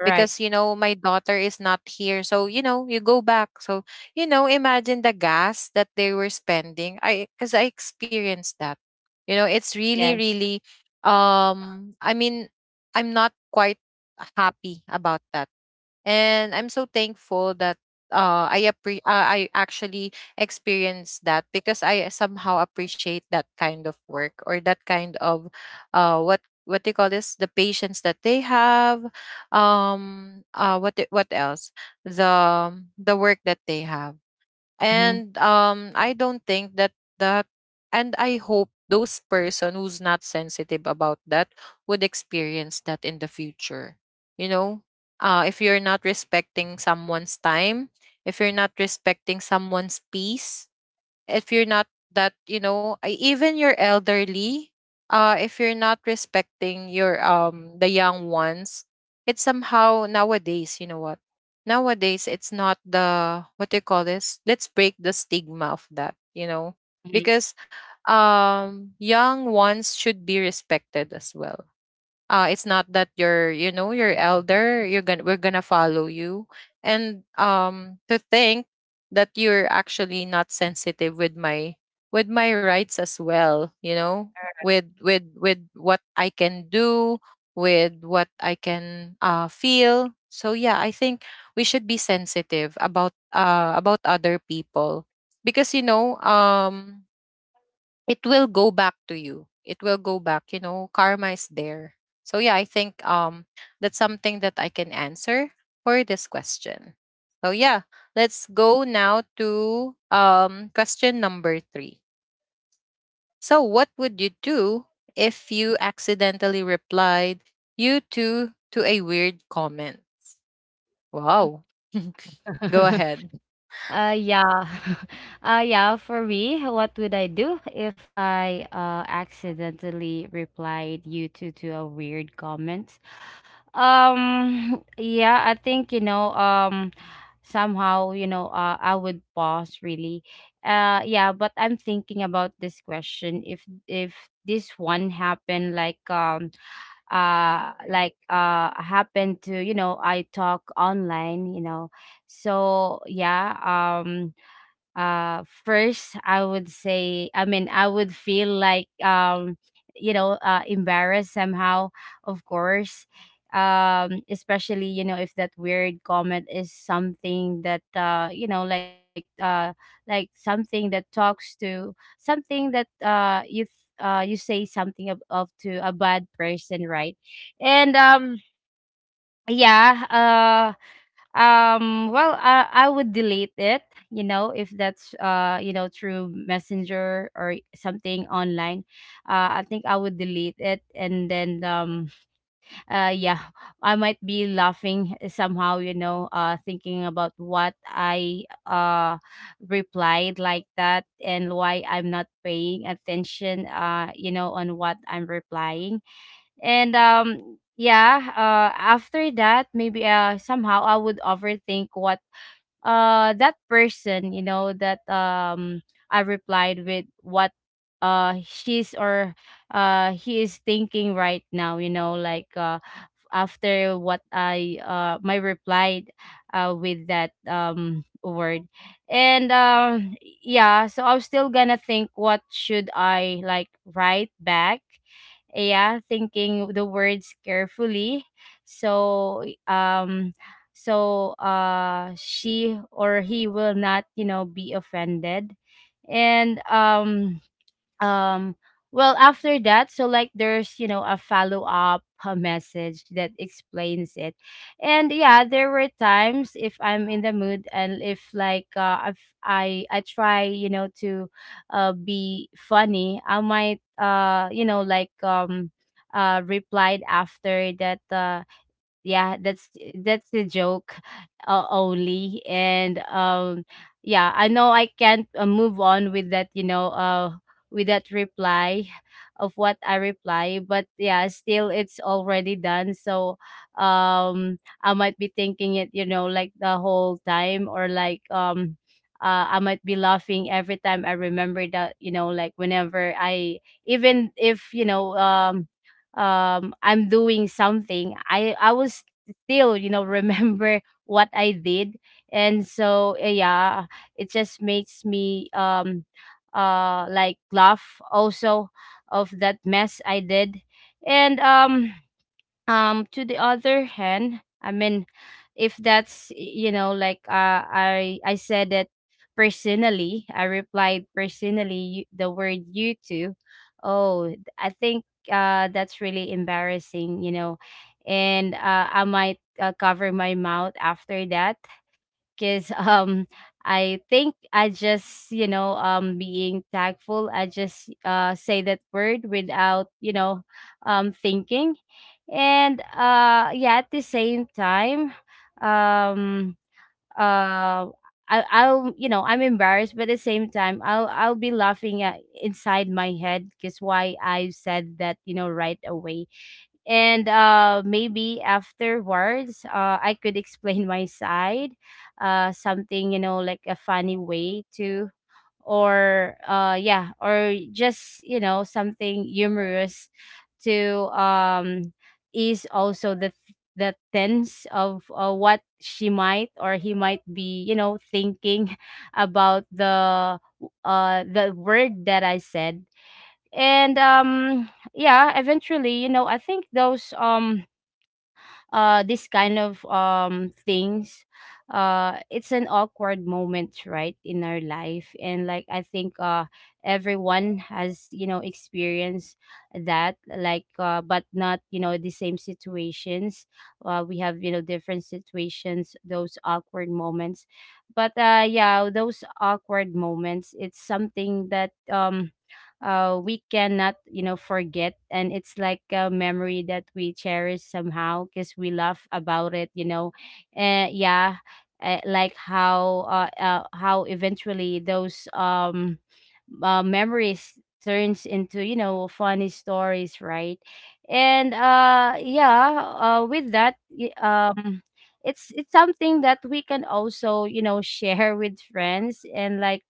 Speaker 2: Right.
Speaker 1: because you know, my daughter is not here, so you know, you go back." So you know, imagine the gas that they were spending. I Because I experienced that. You know, it's really
Speaker 2: Yes.
Speaker 1: really. I mean, I'm not quite happy about that. And I'm so thankful that I actually experienced that, because I somehow appreciate that kind of work, or that kind of what they call this, the patience that they have. What else? the the work that they have.
Speaker 2: Mm-hmm.
Speaker 1: And I don't think that that. And I hope those person who's not sensitive about that would experience that in the future, you know. If you're not respecting someone's time, if you're not respecting someone's peace, if you're not that, you know, even your elderly, if you're not respecting your the young ones. It's somehow nowadays, you know what, nowadays it's not the, what do you call this, let's break the stigma of that, you know.
Speaker 2: Mm-hmm.
Speaker 1: Because young ones should be respected as well. It's not that you're, you know, you're elder, you're gonna we're gonna follow you. And to think that you're actually not sensitive with my, with my rights as well, you know. With with what I can do, with what I can feel. So yeah, I think we should be sensitive about other people, because you know, it will go back to you, it will go back, you know, karma is there. So yeah, I think that's something that I can answer for this question. So yeah, let's go now to question number 3. So what would you do if you accidentally replied "you too" to a weird comment? Wow. Go ahead.
Speaker 2: Yeah. Yeah, for me, what would I do if I accidentally replied you to a weird comment? Yeah, I think, you know, somehow, you know, I would pause really. Yeah, but I'm thinking about this question. If this one happened, like, happened to, you know, I talk online, you know. So yeah, um first I would say, I mean I would feel like, you know, embarrassed somehow, of course. Especially, you know, if that weird comment is something that, like something that talks to something that, you say something of to a bad person, right. And yeah, well, I would delete it, you know, if that's, you know, through messenger or something online. I think I would delete it, and then yeah, I might be laughing somehow, you know, thinking about what I replied like that, and why I'm not paying attention, you know, on what I'm replying. And yeah, after that, maybe, somehow I would overthink what that person, you know, that I replied with, what she's or he is thinking right now, you know, like, after what I, my reply with that word. And yeah, so I'm still gonna think what should I like write back, yeah, thinking the words carefully. So so, she or he will not, you know, be offended. And um well, after that, so like there's, you know, a follow up, a message that explains it. And yeah, there were times if I'm in the mood, and if like if I try, you know, to be funny, I might, you know, like replied after that, yeah, that's the joke, only. And yeah, I know I can't, move on with that, you know, with that reply of what I reply. But yeah, still, it's already done. So um I might be thinking it, you know, like the whole time, or like, I might be laughing every time I remember that, you know, like whenever I, even if, you know, I'm doing something, I was still, you know, remember what I did. And so, eh, yeah, it just makes me like laugh also of that mess I did. And To the other hand, I mean, if that's, you know, like, I said that personally, I replied personally the word you too. Oh, I think that's really embarrassing, and I might cover my mouth after that. Because I think I just being tactful I just say that word without thinking. And yeah, at the same time, um uh I'll, I'm embarrassed, but at the same time I'll be laughing at inside my head because why I said that, right away. And maybe afterwards I could explain my side, something, like a funny way to, or yeah, or just, something humorous, to ease also the tense of what she might or he might be, thinking about the word that I said. And Yeah, eventually, I think those this kind of things, it's an awkward moment, right, in our life. And like, I think, everyone has, experienced that, like, but not, the same situations. We have, different situations, those awkward moments. But yeah, those awkward moments, it's something that we cannot, forget. And it's like a memory that we cherish somehow because we laugh about it, yeah. Like how eventually those memories turns into, funny stories, right? And yeah, with that, it's something that we can also, share with friends and like.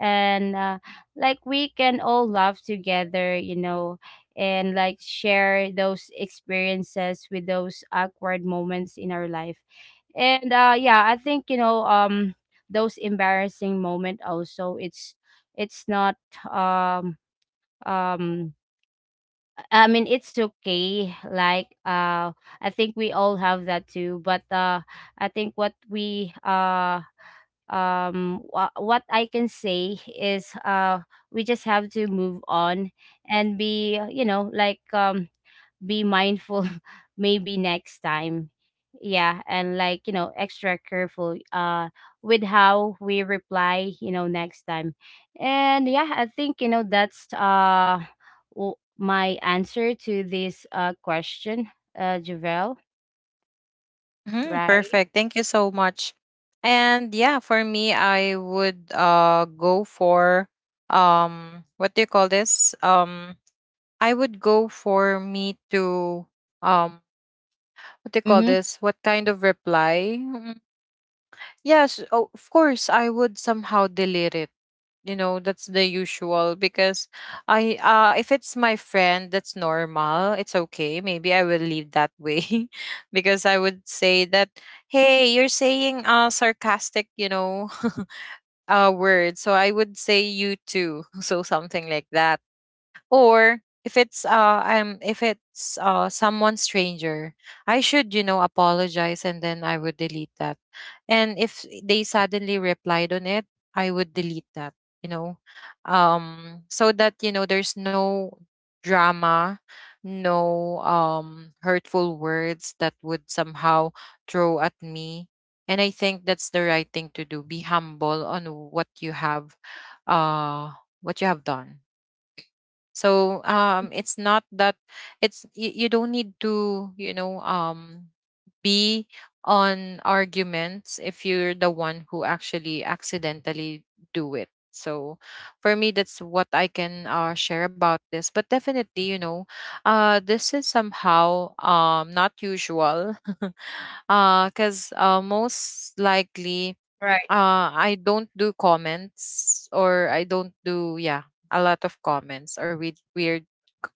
Speaker 2: And like we can all laugh together, and like share those experiences with those awkward moments in our life. And yeah, I think, those embarrassing moment also, it's not um um I mean, it's okay, like, I think we all have that too. But I think what we what I can say is, we just have to move on and be, you know, like, be mindful, maybe next time. Yeah, and like, you know, extra careful with how we reply, you know, next time. And yeah, I think, you know, that's my answer to this question, Javel.
Speaker 1: Hmm,
Speaker 2: Right.
Speaker 1: perfect. Thank you so much. And yeah, for me, I would go for what do you call this? I would go for me to um what do you call
Speaker 2: Mm-hmm.
Speaker 1: this? What kind of reply? Yes, of course, I would somehow delete it. You know, that's the usual because I, if it's my friend, that's normal. It's okay. Maybe I will leave that way because I would say that, "Hey, you're saying sarcastic, you know, word." So I would say "you too." So something like that. Or if it's I'm if it's someone stranger, I should, you know, apologize, and then I would delete that. And if they suddenly replied on it, I would delete that, you know, so that you know, there's no drama, no hurtful words that would somehow throw at me. And I think that's the right thing to do, be humble on uh what you have done. So it's not that it's you don't need to, you know, be on arguments if you're the one who actually accidentally do it. So for me, that's what I can, share about this. But definitely, you know, this is somehow not usual, because most likely
Speaker 2: Right.
Speaker 1: I don't do comments, or I don't do, yeah, a lot of comments, or weird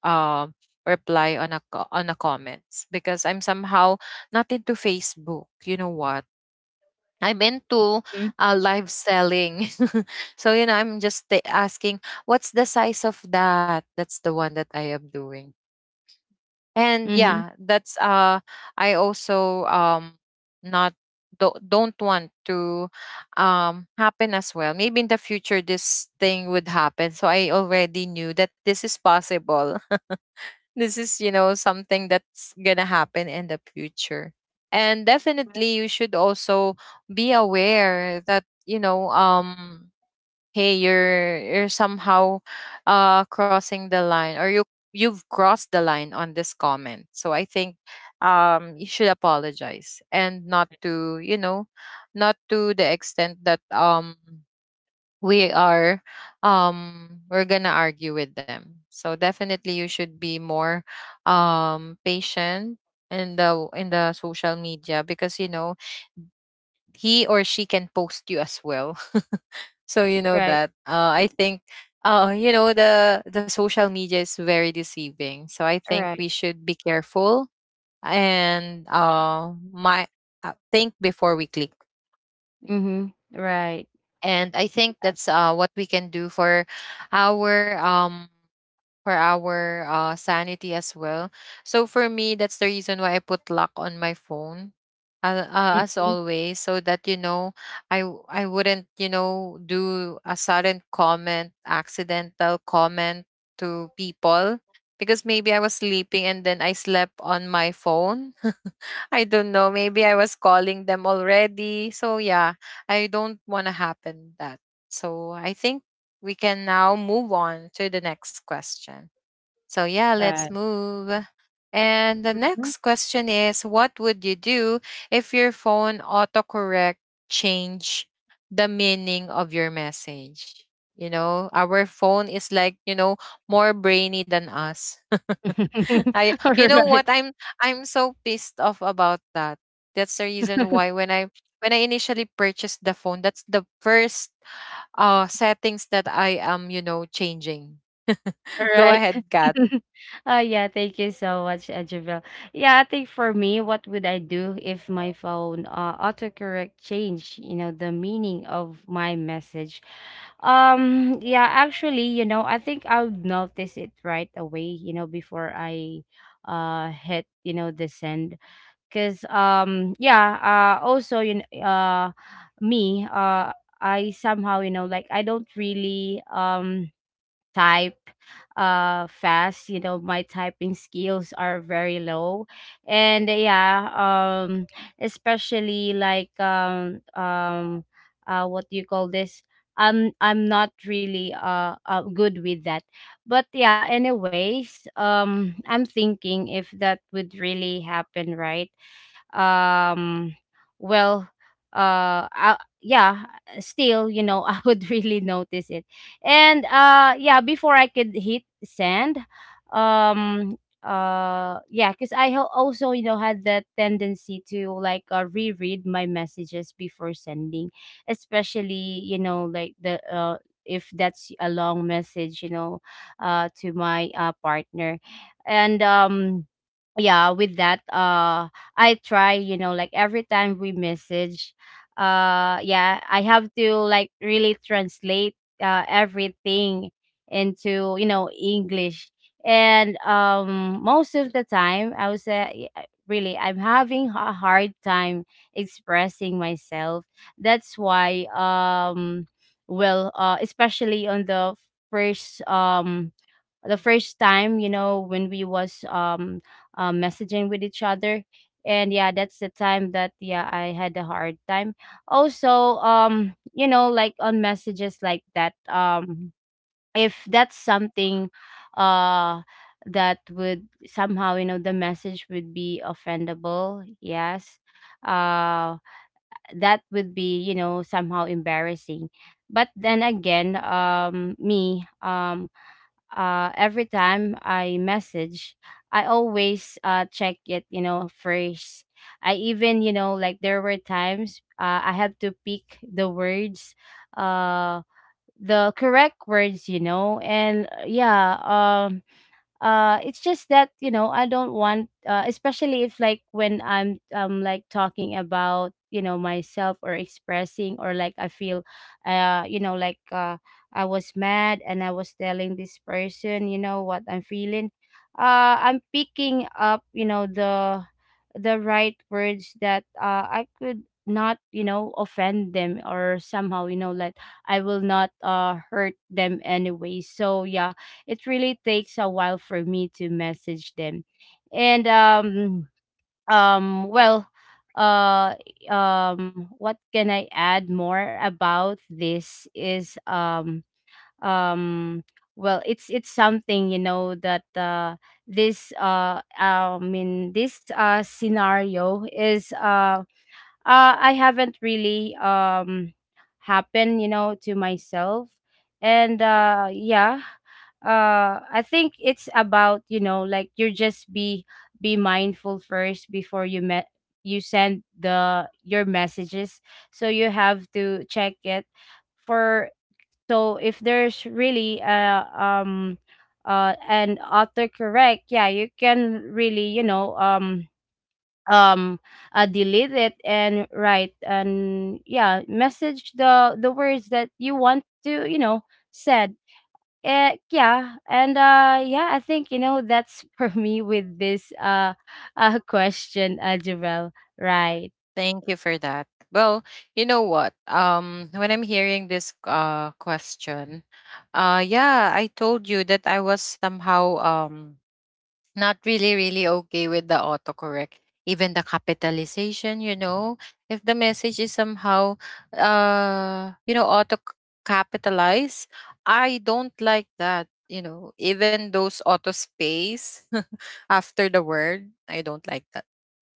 Speaker 1: um reply on a on a comments, because I'm somehow not into Facebook. You know what? I'm into
Speaker 2: Mhm.
Speaker 1: live selling. So you know, I'm just asking, what's the size of that? That's the one that I am doing. And
Speaker 2: Mm-hmm.
Speaker 1: yeah, that's I also not don't want to happen as well, maybe in the future this thing would happen. So I already knew that this is possible. This is, you know, something that's gonna happen in the future. And definitely you should also be aware that, you know, hey, you're somehow crossing the line, or you, you've crossed the line on this comment. So I think you should apologize, and not to, you know, not to the extent that we are we're gonna argue with them. So definitely you should be more patient in the social media, because you know, he or she can post you as well, so you know
Speaker 2: Right.
Speaker 1: that. I think you know, the social media is very deceiving. So I think
Speaker 2: Right.
Speaker 1: we should be careful. And my, think before we click.
Speaker 2: Hmm. Right.
Speaker 1: And I think that's, what we can do our um for our sanity as well. So for me, that's the reason why I put lock on my phone. As
Speaker 2: Mhm.
Speaker 1: always, so that you know, I wouldn't, you know, do a sudden comment, accidental comment to people. Because maybe I was sleeping and then I slept on my phone. I don't know, maybe I was calling them already. So yeah, I don't want to happen that. So I think we can now move on to the next question. So yeah, let's
Speaker 2: Right.
Speaker 1: move. And the next
Speaker 2: Mm.
Speaker 1: question is, what would you do if your phone autocorrect change the meaning of your message? You know, our phone is like, you know, more brainy than us. I you know what
Speaker 2: Right.
Speaker 1: I'm so pissed off about that. That's the reason
Speaker 2: Mhm. Alright.
Speaker 1: why when I initially purchased the phone, that's the first settings that I am, you know, changing. Go
Speaker 2: Alright.
Speaker 1: ahead, Kat.
Speaker 2: Oh, yeah, thank you so much, Javel. Yeah, I think for me, what would I do if my phone, autocorrect changed, you know, the meaning of my message? Yeah, actually, you know, I think I would notice it right away, you know, before I hit, you know, the send. Because yeah, also, you know, me I somehow, you know, like, I don't really type fast, you know. My typing skills are very low, and yeah, especially like what do you call this? I'm not really good with that. But yeah, anyways, I'm thinking, if that would really happen, right? um well, yeah, still, you know, I would really notice it. And yeah, before I could hit send. um yeah, because also, you know, had that tendency to, like, reread my messages before sending, especially, you know, like the if that's a long message, you know, to my partner. And yeah, with that, I try, you know, like every time we message, yeah, I have to like really translate everything into, you know, English. And most of the time I would say, really, I'm having a hard time expressing myself. That's why, well, especially on the first, the first time, you know, when we was messaging with each other. And yeah, that's the time that, yeah, I had a hard time. Also, you know, like on messages like that, if that's something uh that would somehow, you know, the message would be offendable, yes, uh that would be, you know, somehow embarrassing. But then again, me every time I message, I always, check it, you know, first. I even, you know, like, there were times, I had to pick the words, uh, the correct words, you know, and yeah, um, it's just that, you know, I don't want, especially if like when I'm, like, talking about, you know, myself, or expressing, or like I feel, you know, like, I was mad and I was telling this person, you know, what I'm feeling. I'm picking up, you know, the right words that I could not, you know, offend them, or somehow, you know, like, I will not hurt them anyway. So yeah, it really takes a while for me to message them. And Well, uh what can I add more about this is um well, it's something, you know, that this I mean, this scenario is, I haven't really happened, you know, to myself. And yeah, I think it's about, you know, like, you just be mindful first before you met you send the your messages. So you have to check it for, so if there's really an autocorrect, yeah, you can really, you know, um delete it and write, and yeah, message the words that you want to, you know, said. Yeah, and yeah, I think, you know, that's for me with this question, Javel. Right.
Speaker 1: Thank you for that. Well, you know what? When I'm hearing this question, yeah, I told you that I was somehow not really okay with the autocorrect, even the capitalization, you know, if the message is somehow you know, auto capitalize, I don't like that, you know. Even those auto space after the word, I don't like that.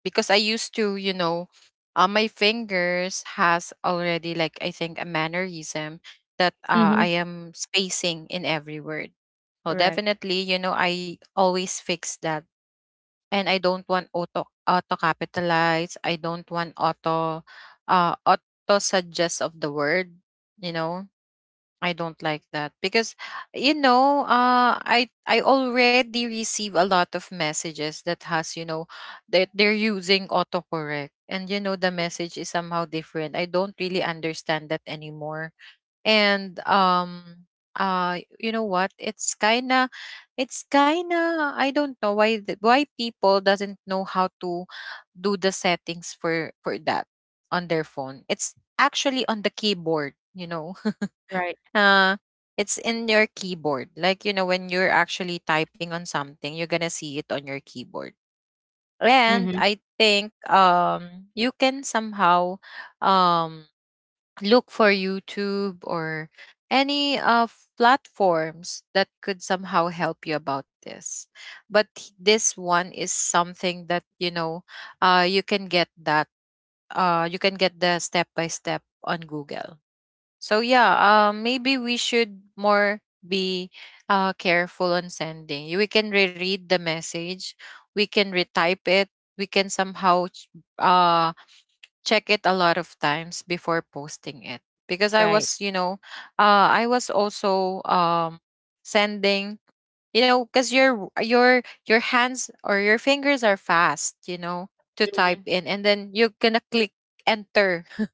Speaker 1: Because I used to, you know, my fingers has already like, I think, a mannerism that
Speaker 2: Mm-hmm.
Speaker 1: I am spacing in every word. Oh,
Speaker 2: Right.
Speaker 1: definitely. You know, I always fix that. And I don't want auto capitalize. I don't want auto auto suggest of the word, you know. I don't like that because, you know, I already receive a lot of messages that has, you know, that they're using autocorrect, and you know, the message is somehow different. I don't really understand that anymore. And you know what, it's kind of, it's kind of, I don't know why why people doesn't know how to do the settings for that on their phone. It's actually on the keyboard, you know.
Speaker 2: Right.
Speaker 1: uh it's in your keyboard. Like, you know, when you're actually typing on something, you're gonna see it on your keyboard. And
Speaker 2: Mm-hmm.
Speaker 1: I think you can somehow um look for YouTube, or any of platforms that could somehow help you about this. But this one is something that, you know, you can get that, you can get the step by step on Google. So yeah, maybe we should more be careful on sending. We can reread the message, we can retype it, we can somehow uh, check it a lot of times before posting it. Because I
Speaker 2: Right.
Speaker 1: was, you know, I was also, sending, you know, because your your hands or your fingers are fast, you know, to type
Speaker 2: Mm-hmm.
Speaker 1: in, and then you're gonna click enter.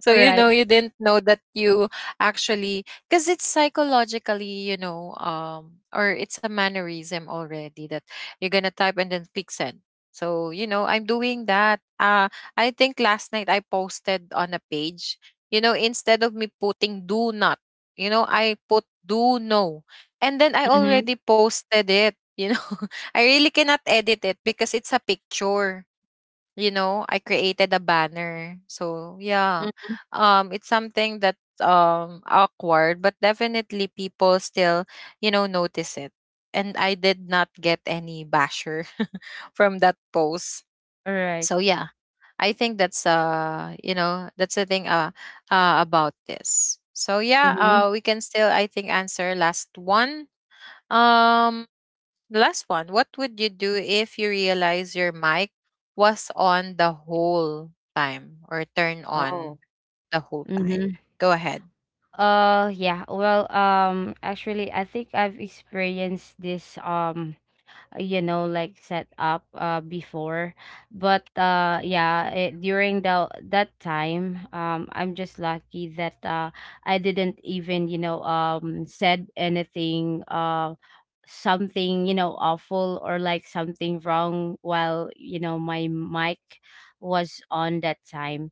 Speaker 1: So you know,
Speaker 2: Right.
Speaker 1: you didn't know that you actually, because it's psychologically, you know, or it's a mannerism already, that you're gonna type and then click send. So you know, I'm doing that. I think last night I posted on a page, you know, instead of me putting "do not," you know, I put "do know." And then I
Speaker 2: Mm-hmm.
Speaker 1: already posted it, you know. I really cannot edit it because it's a picture, you know. I created a banner. So yeah. It's something that awkward, but definitely people still, you know, notice it. And I did not get any basher from that post.
Speaker 2: Right.
Speaker 1: So yeah. I think that's you know, that's the thing about this. So yeah,
Speaker 2: Mm-hmm.
Speaker 1: we can still, I think, answer last one. Um the last one, what would you do if you realize your mic was on the whole time, or turned on
Speaker 2: Oh.
Speaker 1: the whole time?
Speaker 2: Mm-hmm.
Speaker 1: Go ahead.
Speaker 2: Yeah, well, actually, I think I've experienced this you know, like, set up before. But yeah, during the that time, I'm just lucky that I didn't even, you know, said anything, something, you know, awful, or like something wrong, while, you know, my mic was on that time.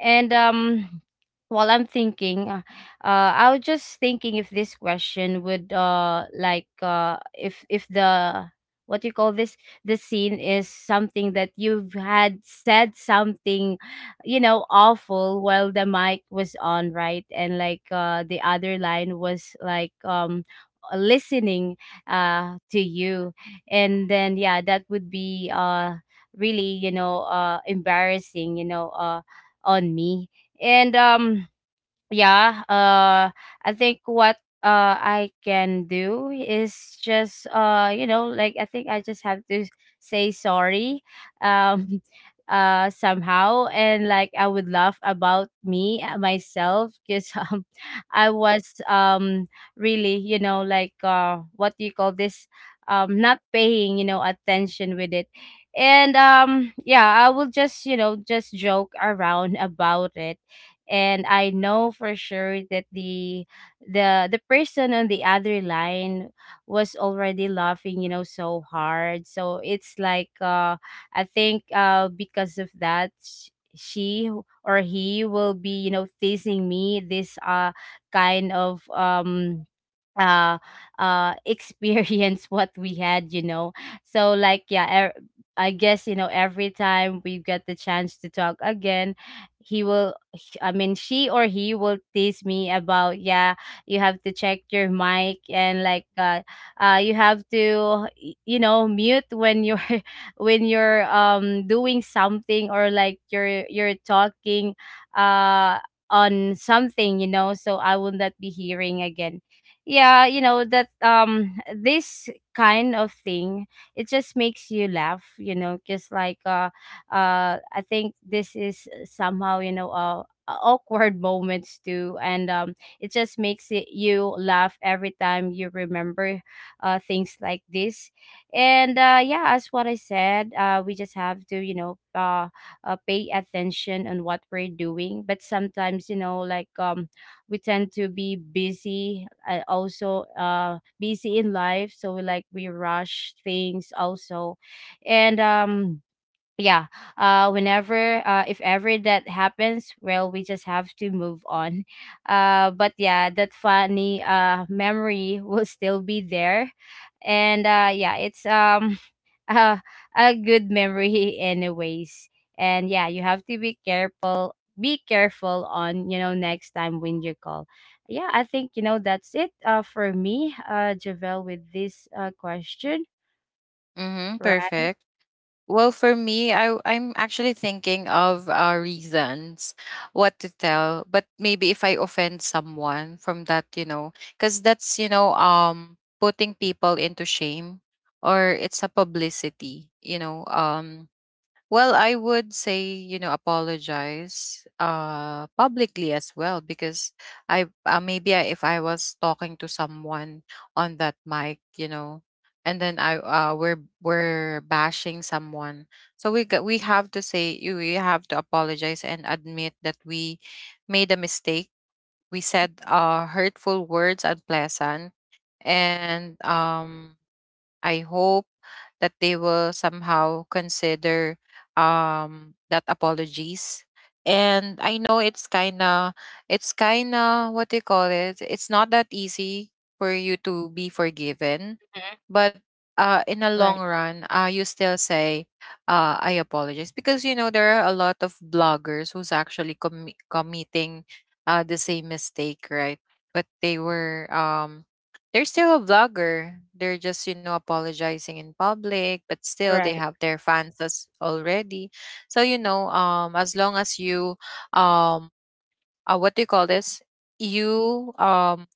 Speaker 2: And while I'm thinking, I was just thinking, if this question would like, if the, what do you call this, the scene is something that you've had said something, you know, awful while the mic was on, right? And like, the other line was like, listening to you. And then yeah, that would be really, you know, embarrassing, you know, on me. And yeah, I think what I can do is just, you know, like, I think I just have to say sorry, um somehow. And like, I would laugh about me, myself, because I was, really, you know, like, what do you call this, not paying, you know, attention with it. And yeah, I will just, you know, just joke around about it. And I know for sure that the the person on the other line was already laughing, you know, so hard. So it's like, I think, because of that, she or he will be, you know, teasing me, this kind of uh experience what we had, you know. So like, yeah, I guess, you know, every time we get the chance to talk again, I mean, she or he will tease me about, yeah, you have to check your mic. And like, you have to you know, mute when you're when you're, doing something, or like, you're, talking uh on something, you know, so I will not be hearing again. Yeah, you know, that, this kind of thing, it just makes you laugh, you know. Just like, I think this is somehow, you know, awkward moments too. And it just makes it you laugh every time you remember things like this. And yeah, as what I said, we just have to, you know, pay attention on what we're doing. But sometimes, you know, like, we tend to be busy, also, busy in life, so we like, we rush things also. And yeah, whenever, if ever that happens, well, we just have to move on. But yeah, that funny memory will still be there. And yeah, it's uh, a good memory, anyways. And yeah, you have to be careful, be careful on, you know, next time when you call. Yeah, I think, you know, that's it, for me, Javel, with this question.
Speaker 1: Mm-hmm,
Speaker 2: Right.
Speaker 1: perfect. Well, for me, I'm actually thinking of reasons what to tell, but maybe if I offend someone from that, you know, because that's, you know, putting people into shame, or it's a publicity, you know. Well, I would say, you know, apologize publicly as well, because I, maybe if I was talking to someone on that mic, you know, and then I, we're bashing someone. So we have to say you we have to apologize and admit that we made a mistake. We said hurtful words, unpleasant, and I hope that they will somehow consider that apologies. And I know it's kinda, it's kinda, what do you call it? It's not that easy for you to be
Speaker 2: Mhm.
Speaker 1: forgiven. But
Speaker 2: Right.
Speaker 1: in the long run, you still say, I apologize. Because you know, there are a lot of bloggers who's actually committing the same mistake, right? But they were they're still a vlogger. They're just, you know, apologizing in public, but still they
Speaker 2: Right.
Speaker 1: have their fans as already. So you know, as long as you um what do you call this? You um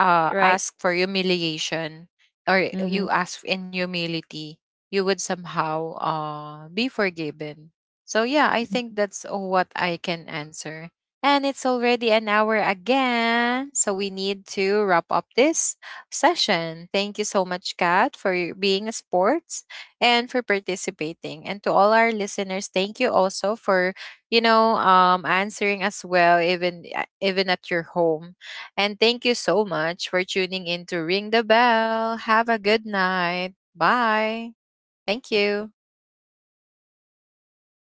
Speaker 1: uh,
Speaker 2: Right.
Speaker 1: ask for humiliation, or
Speaker 2: Mm-hmm.
Speaker 1: you ask in humility, you would somehow, be forgiven. So yeah, I think that's what I can answer. And it's already an hour again. So we need to wrap up this session. Thank you so much, Kat, for your being a sports, and for participating. And to all our listeners, thank you also for, you know, answering as well, even at your home. And thank you so much for tuning in to Ring the Bell. Have a good night. Bye. Thank you.